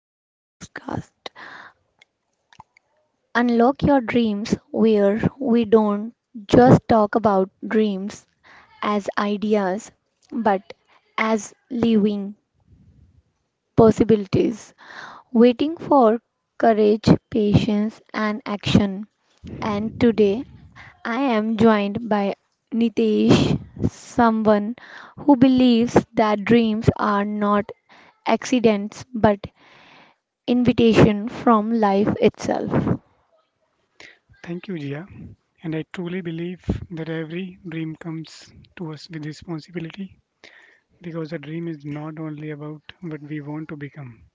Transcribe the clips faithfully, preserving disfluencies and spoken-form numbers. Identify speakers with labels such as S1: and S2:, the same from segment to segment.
S1: today's podcast. Unlock your dreams where we don't just talk about dreams as ideas but as living possibilities waiting for courage, patience and action. And today I am joined by Nitesh, someone who believes that dreams are not accidents but invitation from life itself.
S2: Thank you, Jia. And I truly believe that every dream comes to us with responsibility, because a dream is not only about what we want to become,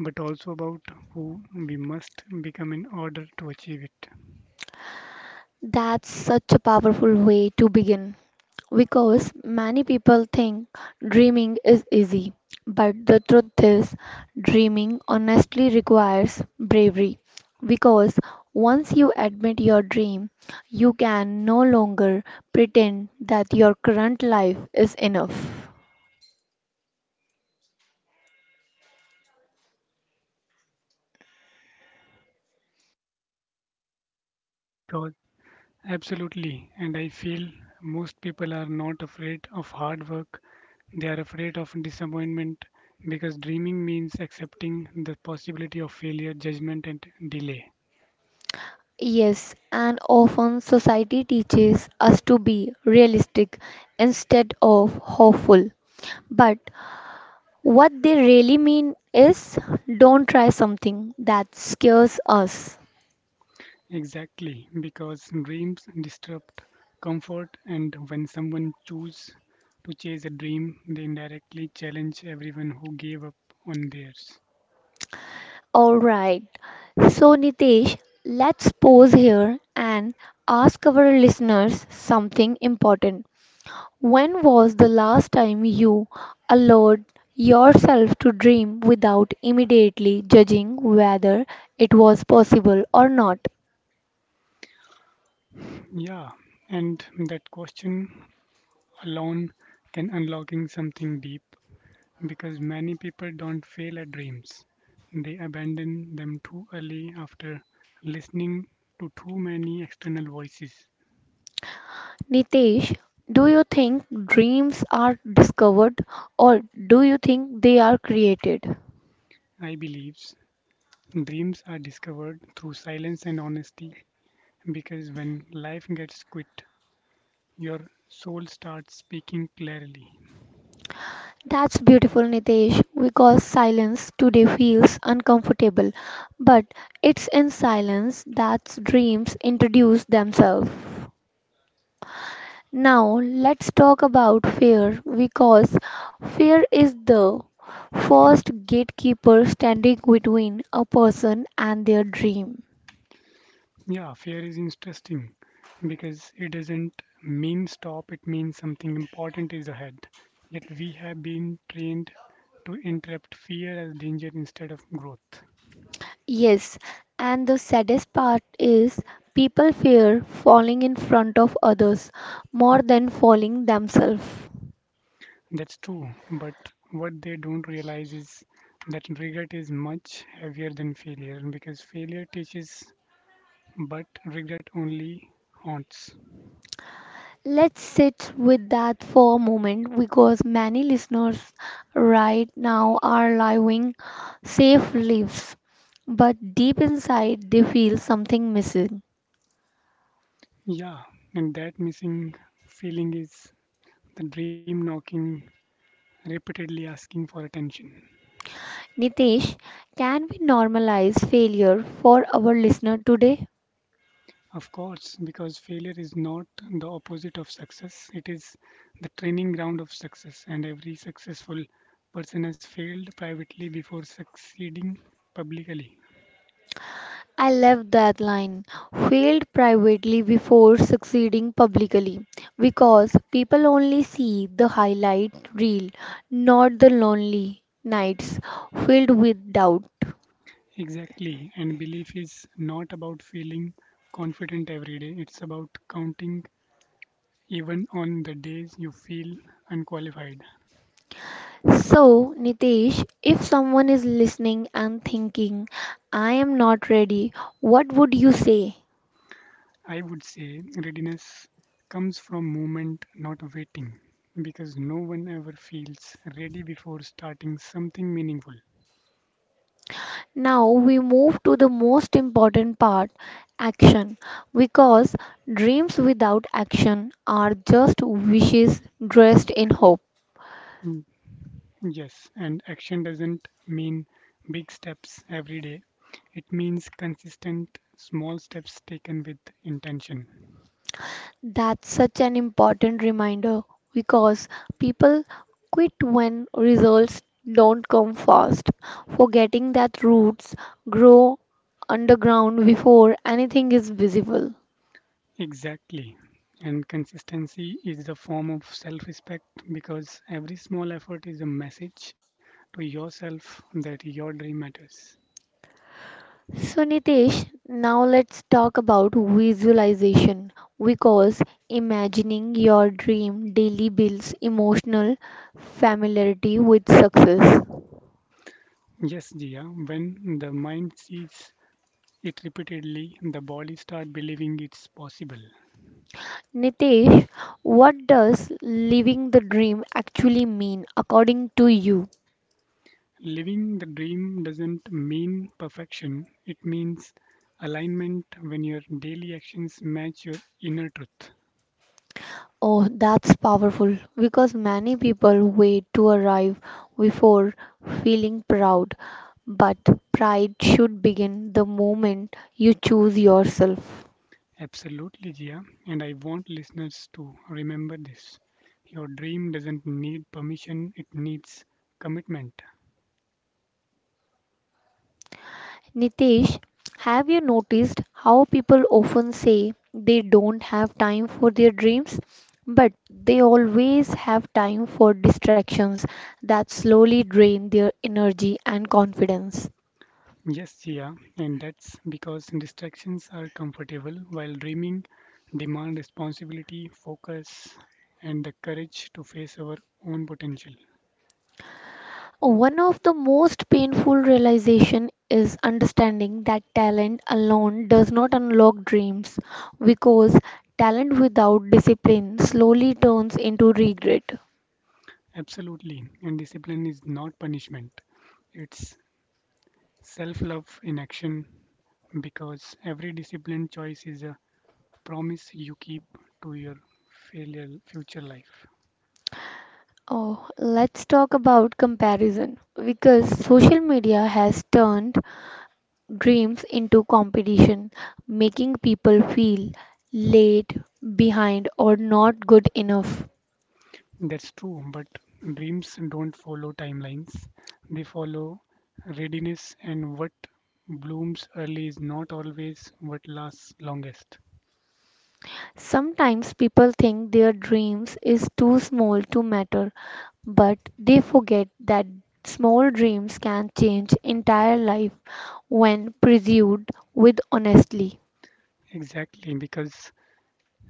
S2: but also about who we must become in order to achieve it.
S1: That's such a powerful way to begin because many people think dreaming is easy, but the truth is, dreaming honestly requires bravery because once you admit your dream, you can no longer pretend that your current life is enough.
S2: Because- Absolutely. And I feel most people are not afraid of hard work, they are afraid of disappointment, because dreaming means accepting the possibility of failure, judgment, and delay.
S1: Yes, and often society teaches us to be realistic instead of hopeful, but what they really mean is don't try something that scares us.
S2: Exactly, because dreams disrupt comfort, and when someone chooses to chase a dream, they indirectly challenge everyone who gave up on theirs.
S1: Alright, so Nitesh, let's pause here and ask our listeners something important. When was the last time you allowed yourself to dream without immediately judging whether it was possible or not?
S2: Yeah, and that question alone can unlocking something deep, because many people don't fail at dreams. They abandon them too early after listening to too many external voices.
S1: Nitesh, do you think dreams are discovered or do you think they are created?
S2: I believe dreams are discovered through silence and honesty, because when life gets quit, your soul starts speaking clearly.
S1: That's beautiful, Nitesh, because silence today feels uncomfortable, but it's in silence that dreams introduce themselves. Now, let's talk about fear because fear is the first gatekeeper standing between a person and their dream.
S2: Yeah, fear is interesting because it doesn't mean stop, it means something important is ahead. Yet we have been trained to interpret fear as danger instead of growth.
S1: Yes, and the saddest part is people fear falling in front of others more than falling themselves.
S2: That's true, but what they don't realize is that regret is much heavier than failure, because failure teaches, but regret only haunts.
S1: Let's sit with that for a moment because many listeners right now are living safe lives, but deep inside they feel something missing.
S2: Yeah, and that missing feeling is the dream knocking, repeatedly asking for attention.
S1: Nitesh, can we normalize failure for our listener today?
S2: Of course, because failure is not the opposite of success, it is the training ground of success, and every successful person has failed privately before succeeding publicly.
S1: I love that line. Failed privately before succeeding publicly because people only see the highlight reel, not the lonely nights filled with doubt.
S2: Exactly, and belief is not about feeling confident every day, it's about counting even on the days you feel unqualified.
S1: So, Nitesh, if someone is listening and thinking, I am not ready, what would you say?
S2: I would say readiness comes from movement, not waiting, because no one ever feels ready before starting something meaningful.
S1: Now we move to the most important part action because dreams without action are just wishes dressed in hope.
S2: Mm, Yes, and action doesn't mean big steps every day, it means consistent small steps taken with intention.
S1: That's such an important reminder because people quit when results don't come fast, forgetting that roots grow underground before anything is visible.
S2: Exactly. And consistency is the form of self respect because every small effort is a message to yourself that your dream matters.
S1: So, Nitesh, now let's talk about visualization because imagining your dream daily builds emotional familiarity with success.
S2: Yes, Jia, when the mind sees it repeatedly, the body starts believing it's possible.
S1: Nitesh, what does living the dream actually mean according to you?
S2: Living the dream doesn't mean perfection, it means alignment when your daily actions match your inner truth.
S1: Oh, that's powerful because many people wait to arrive before feeling proud. But pride should begin the moment you choose yourself.
S2: Absolutely, Jia, and I want listeners to remember this. Your dream doesn't need permission, it needs commitment.
S1: Nitesh, have you noticed how people often say they don't have time for their dreams? But they always have time for distractions that slowly drain their energy and confidence.
S2: Yes, Sia, and that's because distractions are comfortable while dreaming demand responsibility, focus, and the courage to face our own potential.
S1: One of the most painful realization is understanding that talent alone does not unlock dreams because talent without discipline slowly turns into regret.
S2: Absolutely, and discipline is not punishment, it's self love in action because every disciplined choice is a promise you keep to your failure, future life.
S1: Oh, let's talk about comparison because social media has turned dreams into competition, making people feel late, behind, or not good enough.
S2: That's true, but dreams don't follow timelines. They follow readiness, and what blooms early is not always what lasts longest.
S1: Sometimes people think their dreams is too small to matter, but they forget that small dreams can change entire life when pursued with honestly.
S2: Exactly, because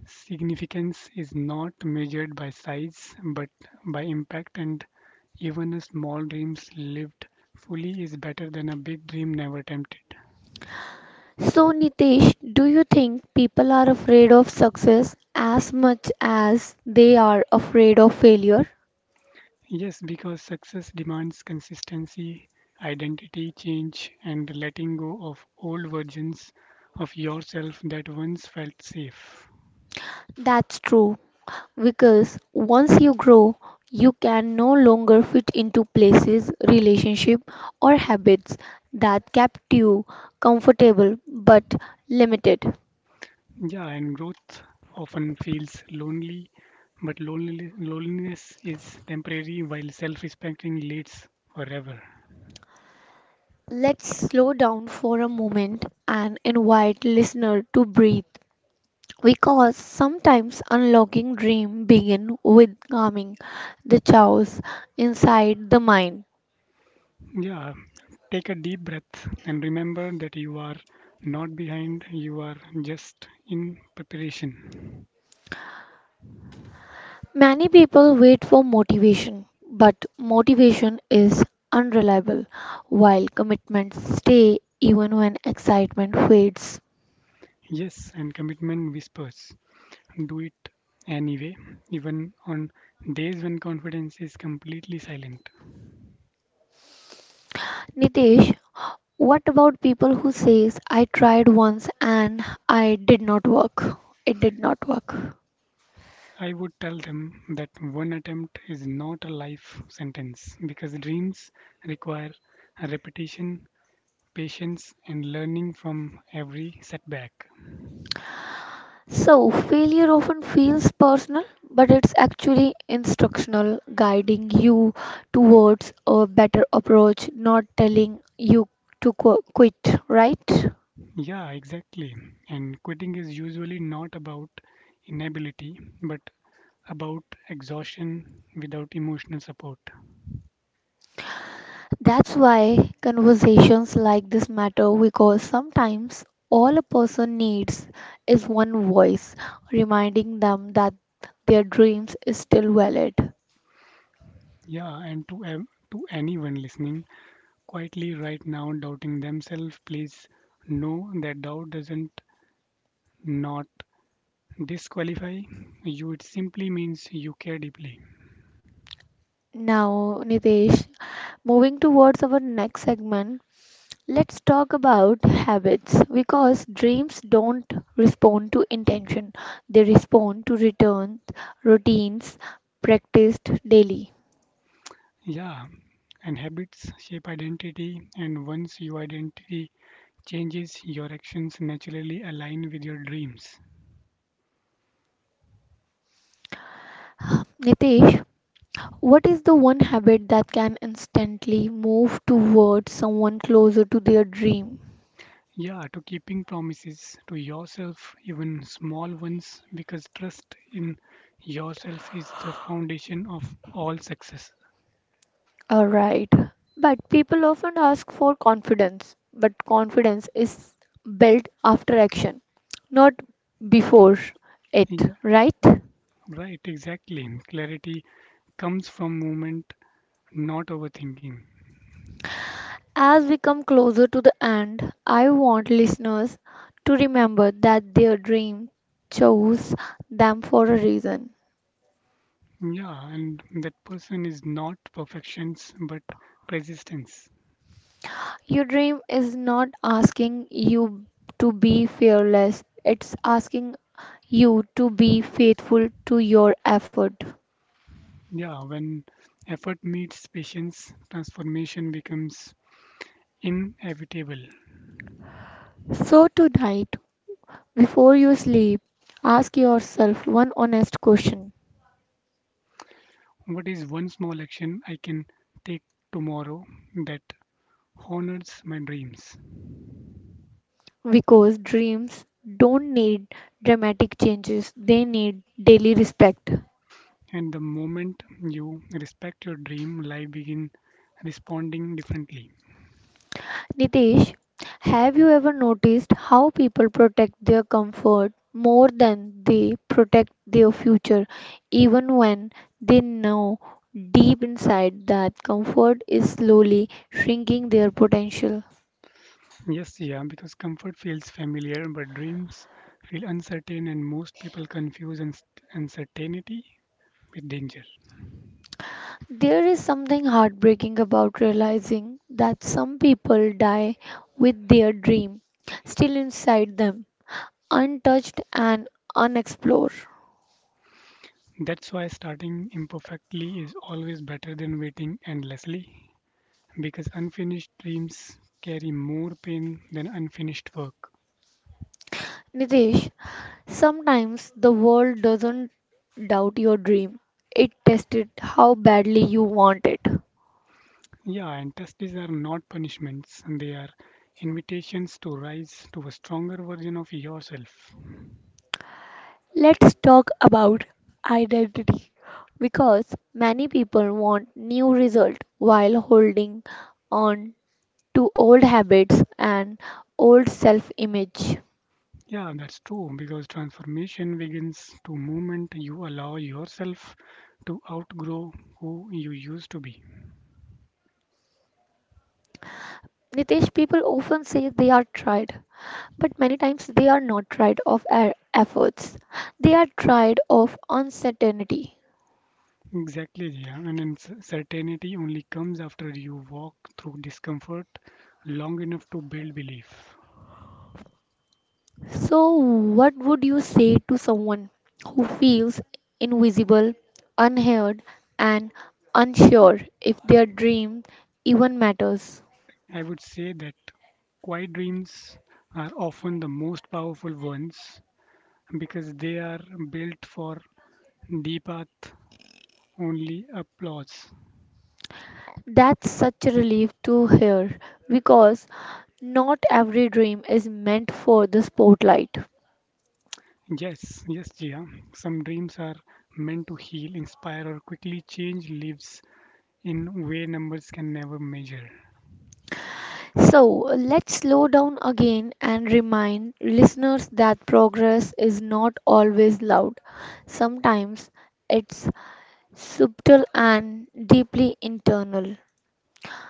S2: significance is not measured by size but by impact, and even a small dreams lived fully is better than a big dream never attempted.
S1: So, Nitesh, do you think people are afraid of success as much as they are afraid of failure?
S2: Yes, because success demands consistency, identity change, and letting go of old versions of yourself that once felt safe.
S1: That's true, because once you grow, you can no longer fit into places, relationship, or habits that kept you comfortable but limited.
S2: Yeah, and growth often feels lonely, but loneli- loneliness is temporary while self respecting leads forever.
S1: Let's slow down for a moment and invite listener to breathe because sometimes unlocking dream begin with calming the chaos inside the mind.
S2: Yeah, take a deep breath and remember that you are not behind, you are just in preparation.
S1: Many people wait for motivation, but motivation is unreliable while commitments stay even when excitement fades.
S2: Yes, and commitment whispers. Do it anyway, even on days when confidence is completely silent.
S1: Nitesh, what about people who says I tried once and I did not work it did not work?
S2: I would tell them that one attempt is not a life sentence because dreams require repetition, patience, and learning from every setback.
S1: So, failure often feels personal, but it's actually instructional, guiding you towards a better approach, not telling you to qu- quit, right?
S2: Yeah, exactly. And quitting is usually not about inability but about exhaustion without emotional support.
S1: That's why conversations like this matter because sometimes all a person needs is one voice reminding them that their dreams is still valid.
S2: Yeah, and to ev- to anyone listening, quietly right now doubting themselves, please know that doubt doesn't not disqualify you. It simply means you care deeply.
S1: Now, Nitesh, moving towards our next segment, let's talk about habits because dreams don't respond to intention, they respond to returns, routines practiced daily.
S2: Yeah, and habits shape identity, and once your identity changes, your actions naturally align with your dreams.
S1: Nitesh, what is the one habit that can instantly move towards someone closer to their dream?
S2: Yeah, to keeping promises to yourself, even small ones, because trust in yourself is the foundation of all success.
S1: Alright, but people often ask for confidence, but confidence is built after action, not before it,
S2: Yeah,
S1: right?
S2: right, exactly. Clarity comes from movement, not overthinking.
S1: As we come closer to the end, I want listeners to remember that their dream chose them for a reason.
S2: Yeah, and that person is not perfections but persistence.
S1: Your dream is not asking you to be fearless, it's asking you to be faithful to your effort.
S2: Yeah, when effort meets patience, transformation becomes inevitable.
S1: So, tonight, before you sleep, ask yourself one honest question
S2: What is one small action I can take tomorrow that honors my dreams?
S1: because dreams don't need dramatic changes, they need daily respect.
S2: And the moment you respect your dream, life begin responding differently.
S1: Nitish, have you ever noticed how people protect their comfort more than they protect their future, even when they know deep inside that comfort is slowly shrinking their potential?
S2: Yes, yeah, because comfort feels familiar, but dreams feel uncertain, and most people confuse uns- uncertainty with danger.
S1: There is something heartbreaking about realizing that some people die with their dream still inside them, untouched and unexplored.
S2: That's why starting imperfectly is always better than waiting endlessly, because unfinished dreams carry more pain than unfinished work.
S1: Nitish, sometimes the world doesn't doubt your dream, it tests it how badly you want it.
S2: Yeah, and testes are not punishments, they are invitations to rise to a stronger version of yourself.
S1: Let's talk about identity because many people want new result while holding on to old habits and old self-image.
S2: Yeah, that's true because transformation begins to moment you allow yourself to outgrow who you used to be.
S1: Nitesh, people often say they are tried, but many times they are not tried of e- efforts. They are tried of uncertainty.
S2: Exactly, yeah. And then c- certainty only comes after you walk through discomfort long enough to build belief.
S1: So, what would you say to someone who feels invisible, unheard, and unsure if their dream even matters?
S2: I would say that quiet dreams are often the most powerful ones because they are built for deep path only applause.
S1: That's such a relief to hear because not every dream is meant for the spotlight.
S2: Yes, yes, Jia. Some dreams are meant to heal, inspire, or quickly change lives in way numbers can never measure.
S1: So, let's slow down again and remind listeners that progress is not always loud. Sometimes it's subtle and deeply internal.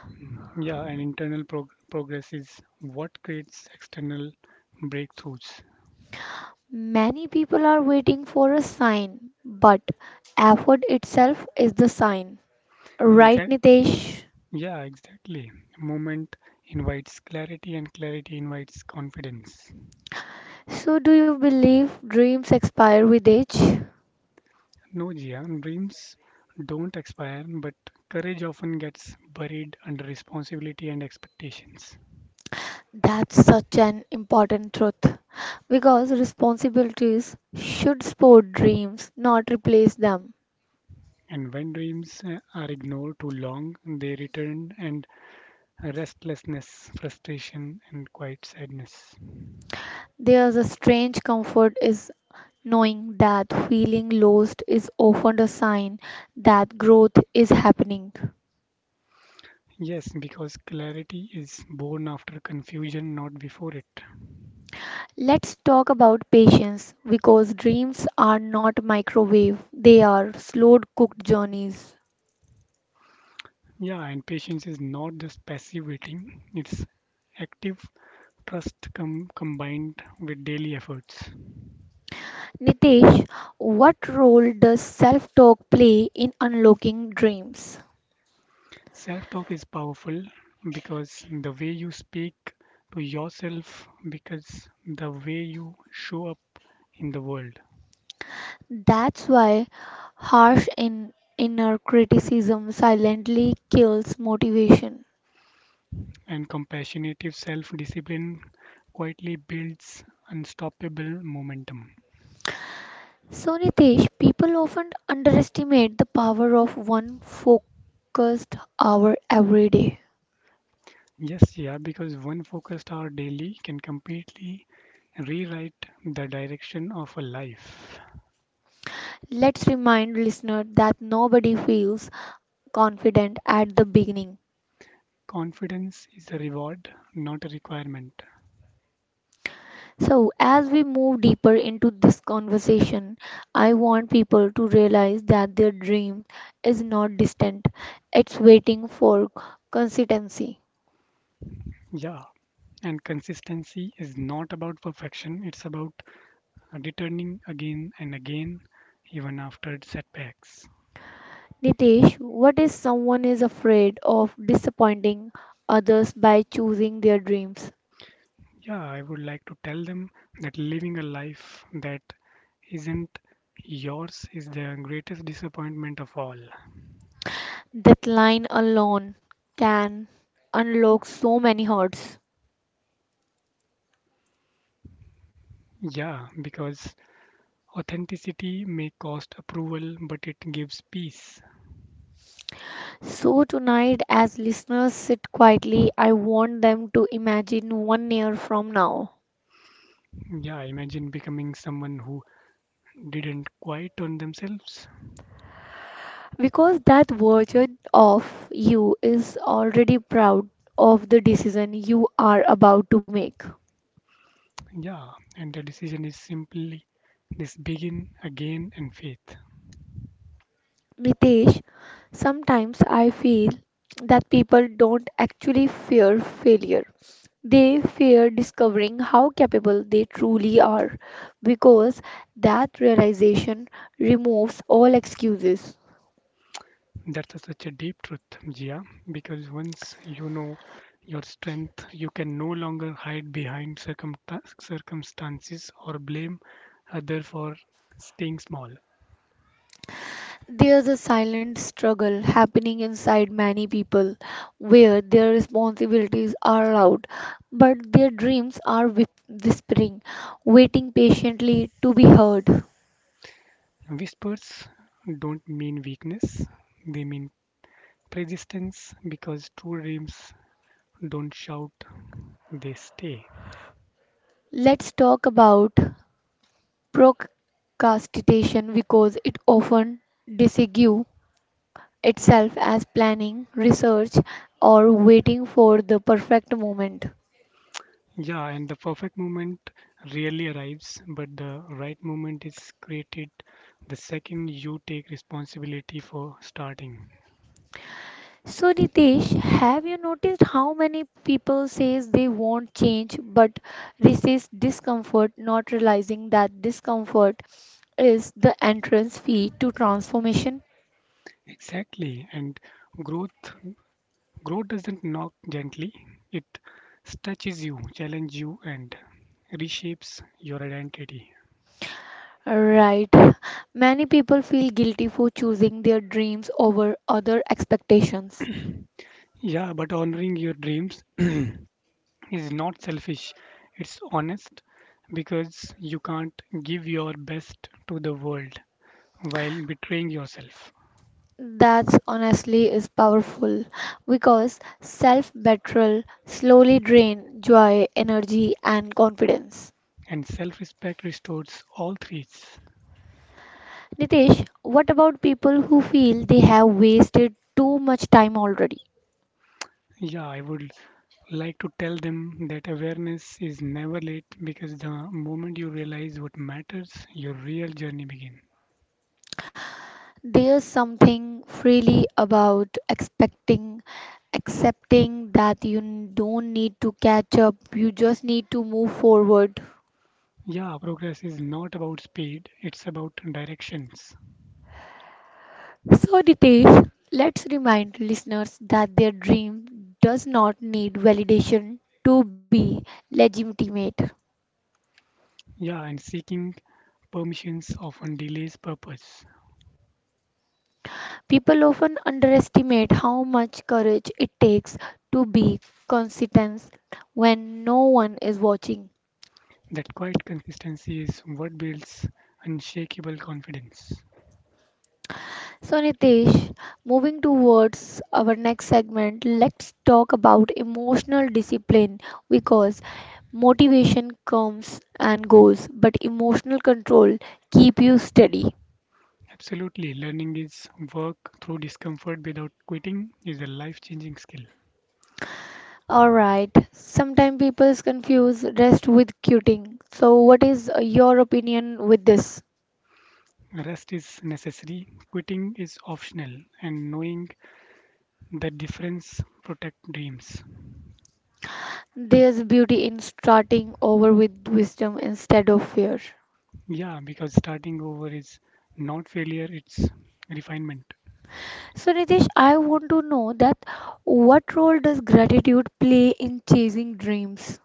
S2: Mm, Yeah, and internal prog- progress is what creates external breakthroughs.
S1: Many people are waiting for a sign, but effort itself is the sign. Right,
S2: Exact.
S1: Nitesh?
S2: Yeah, exactly. Moment invites clarity, and clarity invites confidence.
S1: So, do you believe dreams expire with age?
S2: No, Jia, dreams don't expire, but courage often gets buried under responsibility and expectations.
S1: That's such an important truth because responsibilities should support dreams, not replace them.
S2: And when dreams uh, are ignored too long, they return and restlessness, frustration, and quiet sadness.
S1: There's a strange comfort is knowing that feeling lost is often a sign that growth is happening.
S2: Yes, because clarity is born after confusion, not before it.
S1: Let's talk about patience because dreams are not microwave, they are slow cooked journeys.
S2: Yeah, and patience is not just passive waiting, it's active trust com- combined with daily efforts.
S1: Nitesh, what role does self talk play in unlocking dreams?
S2: Self talk is powerful because the way you speak to yourself, because the way you show up in the world.
S1: That's why harsh in inner criticism silently kills motivation.
S2: And compassionative self discipline quietly builds unstoppable momentum.
S1: So, Nitesh, people often underestimate the power of one focused hour every day.
S2: Yes, yeah, because one focused hour daily can completely rewrite the direction of a life.
S1: Let's remind listener that nobody feels confident at the beginning.
S2: Confidence is a reward, not a requirement.
S1: So, as we move deeper into this conversation, I want people to realize that their dream is not distant, it's waiting for consistency.
S2: Yeah, and consistency is not about perfection, it's about returning again and again, even after setbacks.
S1: Nitesh, what if someone is afraid of disappointing others by choosing their dreams?
S2: Yeah, I would like to tell them that living a life that isn't yours is the greatest disappointment of all.
S1: That line alone can unlock so many hearts.
S2: Yeah, because authenticity may cost approval, but it gives peace.
S1: So, tonight, as listeners sit quietly, I want them to imagine one year from now.
S2: Yeah, imagine becoming someone who didn't quite on themselves.
S1: Because that version of you is already proud of the decision you are about to make.
S2: Yeah, and the decision is simply this begin again and faith.
S1: Nitesh, sometimes I feel that people don't actually fear failure. They fear discovering how capable they truly are because that realization removes all excuses.
S2: That's such a deep truth, Jia, because once you know your strength, you can no longer hide behind circumta- circumstances or blame other for staying small.
S1: There's a silent struggle happening inside many people where their responsibilities are loud, but their dreams are whip- whispering, waiting patiently to be heard.
S2: Whispers don't mean weakness, they mean persistence because true dreams don't shout, they stay.
S1: Let's talk about procrastination because it often disguises itself as planning, research, or waiting for the perfect moment.
S2: Yeah, and the perfect moment rarely arrives, but the right moment is created the second you take responsibility for starting.
S1: So Ritesh, have you noticed how many people says they want change but resist discomfort, not realizing that discomfort is the entrance fee to transformation?
S2: Exactly. And growth growth doesn't knock gently. It stretches you, challenges you and reshapes your identity.
S1: Right. Many people feel guilty for choosing their dreams over other expectations.
S2: Yeah, but honoring your dreams is not selfish. It's honest because you can't give your best to the world while betraying yourself.
S1: That's honestly is powerful because self-betrayal slowly drain joy, energy and confidence.
S2: And self-respect restores all three.
S1: Nitesh, what about people who feel they have wasted too much time already?
S2: Yeah, I would like to tell them that awareness is never late because the moment you realize what matters, your real journey begins.
S1: There's something freely about expecting, accepting that you n- don't need to catch up, you just need to move forward.
S2: Yeah, progress is not about speed, it's about directions.
S1: So, Nitesh, let's remind listeners that their dream does not need validation to be legitimate.
S2: Yeah, and seeking permissions often delays purpose.
S1: People often underestimate how much courage it takes to be consistent when no one is watching.
S2: That quiet consistency is what builds unshakable confidence.
S1: So, Nitesh, moving towards our next segment, let's talk about emotional discipline because motivation comes and goes, but emotional control keep you steady.
S2: Absolutely, learning is work through discomfort without quitting is a life changing skill.
S1: All right, sometimes people confuse rest with quitting. So, what is uh, your opinion with this?
S2: Rest is necessary, quitting is optional, and knowing the difference protect dreams.
S1: There's beauty in starting over with wisdom instead of fear.
S2: Yeah, because starting over is not failure, it's refinement.
S1: So, Nitish, I want to know that what role does gratitude play in chasing dreams?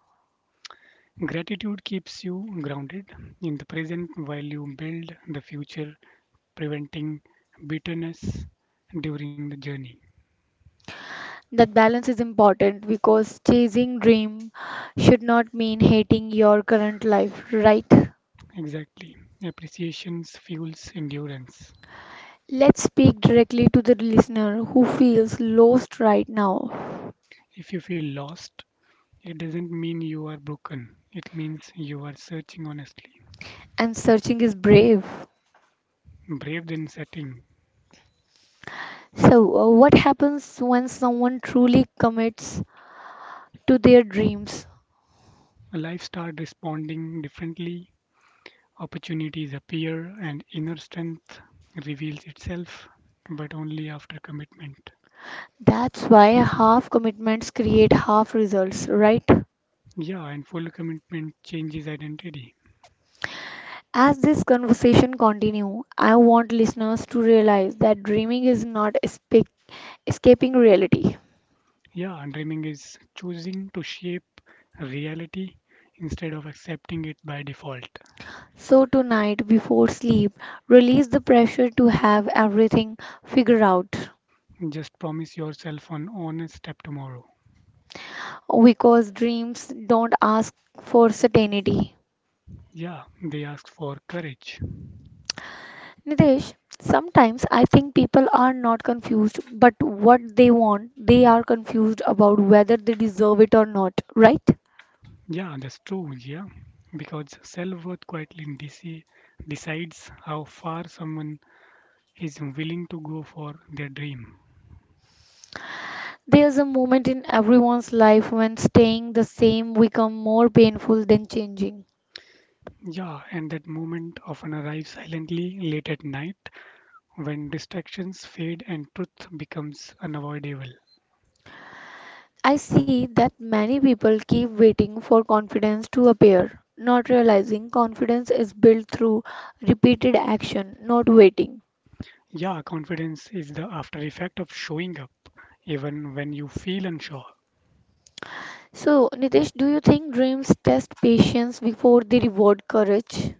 S2: Gratitude keeps you grounded in the present while you build the future, preventing bitterness during the journey.
S1: That balance is important because chasing dream should not mean hating your current life, right?
S2: Exactly. Appreciations fuels endurance.
S1: Let's speak directly to the listener who feels lost right now
S2: If you feel lost, it doesn't mean you are broken. It means you are searching honestly.
S1: and searching is brave.
S2: Brave, then setting,
S1: So, uh, what happens when someone truly commits to their dreams?
S2: life starts responding differently, opportunities appear, and inner strength reveals itself, but only after commitment.
S1: That's why half commitments create half results, right?
S2: Yeah, and full commitment changes identity.
S1: As this conversation continue, I want listeners to realize that dreaming is not escape, escaping reality.
S2: Yeah, and dreaming is choosing to shape reality instead of accepting it by default.
S1: So tonight before sleep, release the pressure to have everything figured out
S2: Just promise yourself an honest step tomorrow.
S1: because dreams don't ask for certainty.
S2: Yeah, they ask for courage.
S1: Nitesh, sometimes I think people are not confused, but what they want, they are confused about whether they deserve it or not, right?
S2: Yeah, that's true, yeah. Because self-worth quietly deci- decides how far someone is willing to go for their dream.
S1: There's a moment in everyone's life when staying the same become more painful than changing.
S2: Yeah, and that moment often arrives silently late at night when distractions fade and truth becomes unavoidable.
S1: I see that many people keep waiting for confidence to appear, not realizing confidence is built through repeated action, not waiting.
S2: Yeah, confidence is the after effect of showing up, even when you feel unsure.
S1: So, Nitesh, do you think dreams test patience before they reward courage?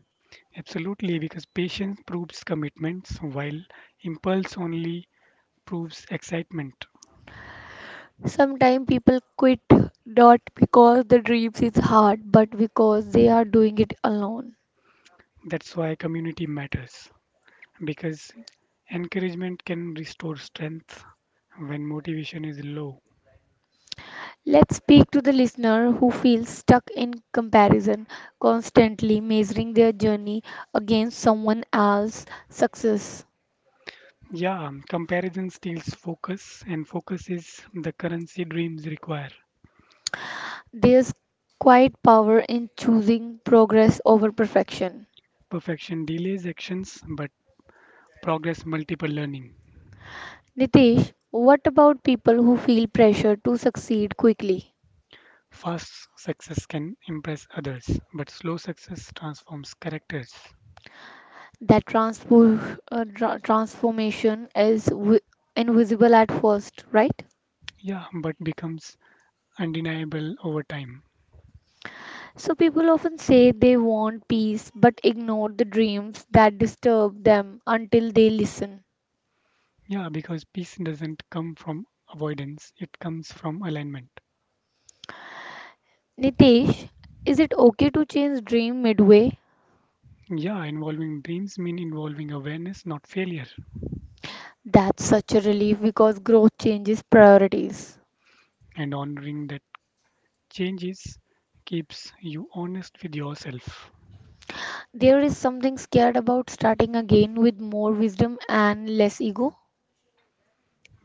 S2: Absolutely, because patience proves commitments while impulse only proves excitement.
S1: Sometimes people quit not because the dreams is hard, but because they are doing it alone.
S2: That's why community matters because encouragement can restore strength when motivation is low.
S1: Let's speak to the listener who feels stuck in comparison, constantly measuring their journey against someone else's success.
S2: Yeah, comparison steals focus, and focus is the currency dreams require.
S1: There's quite power in choosing progress over perfection.
S2: Perfection delays actions, but progress multiple learning.
S1: Nitesh, what about people who feel pressure to succeed quickly?
S2: Fast success can impress others, but slow success transforms characters.
S1: That transpo- uh, tra- transformation is wi- invisible at first, right?
S2: Yeah, but becomes undeniable over time.
S1: So people often say they want peace but ignore the dreams that disturb them until they listen.
S2: Yeah, because peace doesn't come from avoidance, it comes from alignment.
S1: Nitesh, is it okay to change dream midway?
S2: Yeah, involving dreams mean involving awareness, not failure,
S1: That's such a relief because growth changes priorities.
S2: and honoring that changes keeps you honest with yourself.
S1: There is something scared about starting again with more wisdom and less ego.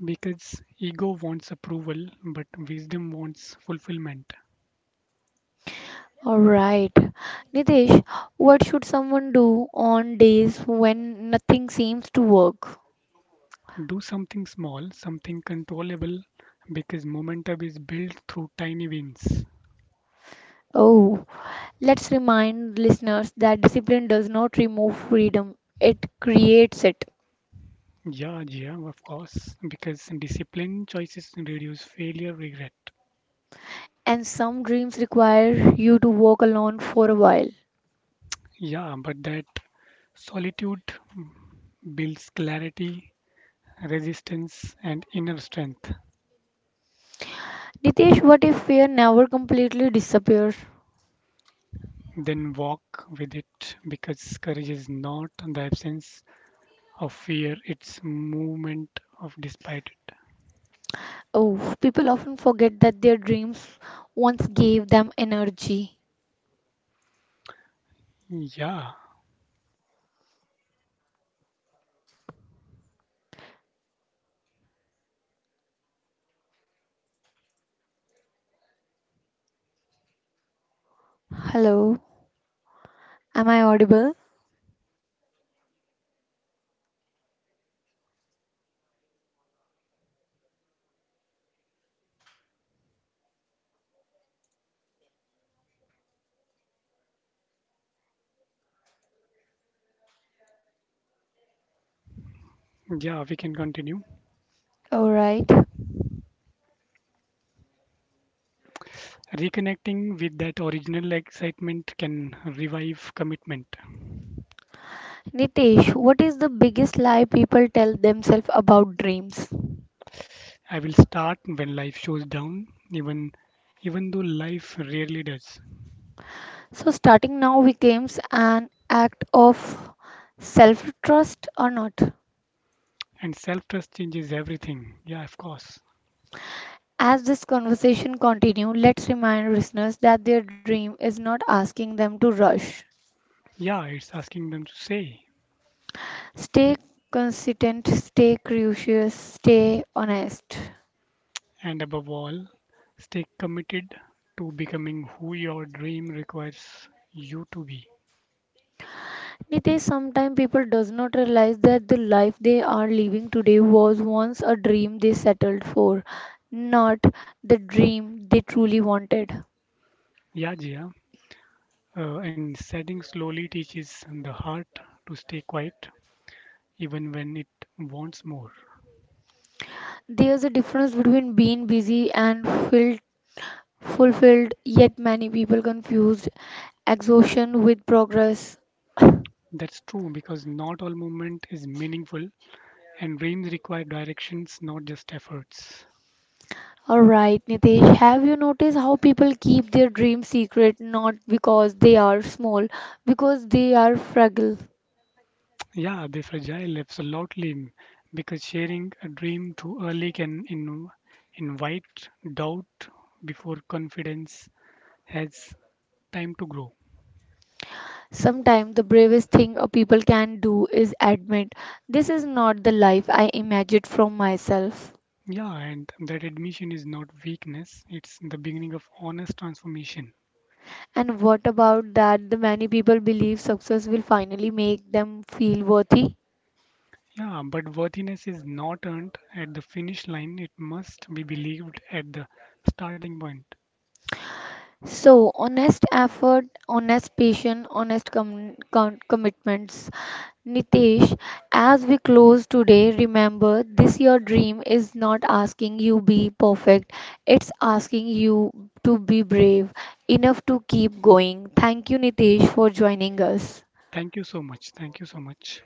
S2: Because ego wants approval, but wisdom wants fulfillment.
S1: Alright. Nitesh, what should someone do on days when nothing seems to work?
S2: Do something small, something controllable, because momentum is built through tiny wins.
S1: Oh, let's remind listeners that discipline does not remove freedom, it creates it.
S2: Yeah, yeah, of course, because disciplined choices reduce failure regret.
S1: And some dreams require you to walk alone for a while.
S2: Yeah, but that solitude builds clarity resistance, and inner strength.
S1: Nitesh, what if fear never completely disappears?
S2: Then walk with it because courage is not the absence of fear, it's movement of despite
S1: Oh, people often forget that their dreams once gave them energy.
S2: it. Yeah,
S1: Hello, am I audible?
S2: yeah, we can continue.
S1: Alright.
S2: Reconnecting with that original excitement can revive commitment.
S1: Nitesh, what is the biggest lie people tell themselves about dreams?
S2: I will start when life shows down, even even though life rarely does.
S1: So starting now becomes an act of self-trust or not.
S2: And self trust changes everything. Yeah, of course.
S1: As this conversation continue, let's remind listeners that their dream is not asking them to rush.
S2: Yeah, it's asking them to say.
S1: Stay consistent, stay curious, stay honest.
S2: And above all, stay committed to becoming who your dream requires you to be.
S1: Nitesh, sometimes people does not realize that the life they are living today was once a dream they settled for, not the dream they truly wanted.
S2: Yeah, Jia. Uh, and setting slowly teaches the heart to stay quiet even when it wants more.
S1: There's a difference between being busy and filled fulfilled, yet many people confused exhaustion with progress.
S2: That's true because not all movement is meaningful and dreams require directions, not just efforts.
S1: Alright, Nitesh, have you noticed how people keep their dreams secret not because they are small, because they are fragile?
S2: Yeah, the fragile absolutely because sharing a dream too early can in- invite doubt before confidence has time to grow.
S1: Sometimes the bravest thing a people can do is admit, this is not the life I imagined from myself.
S2: Yeah, and that admission is not weakness, it's the beginning of honest transformation.
S1: And what about that the many people believe success will finally make them feel worthy?
S2: Yeah, but worthiness is not earned at the finish line, it must be believed at the starting point.
S1: So, honest effort, honest patience, honest com- com- commitments. Nitesh, as we close today, remember this your dream is not asking you be perfect. It's asking you to be brave enough to keep going. Thank you Nitesh for joining us.
S2: Thank you so much. Thank you so much.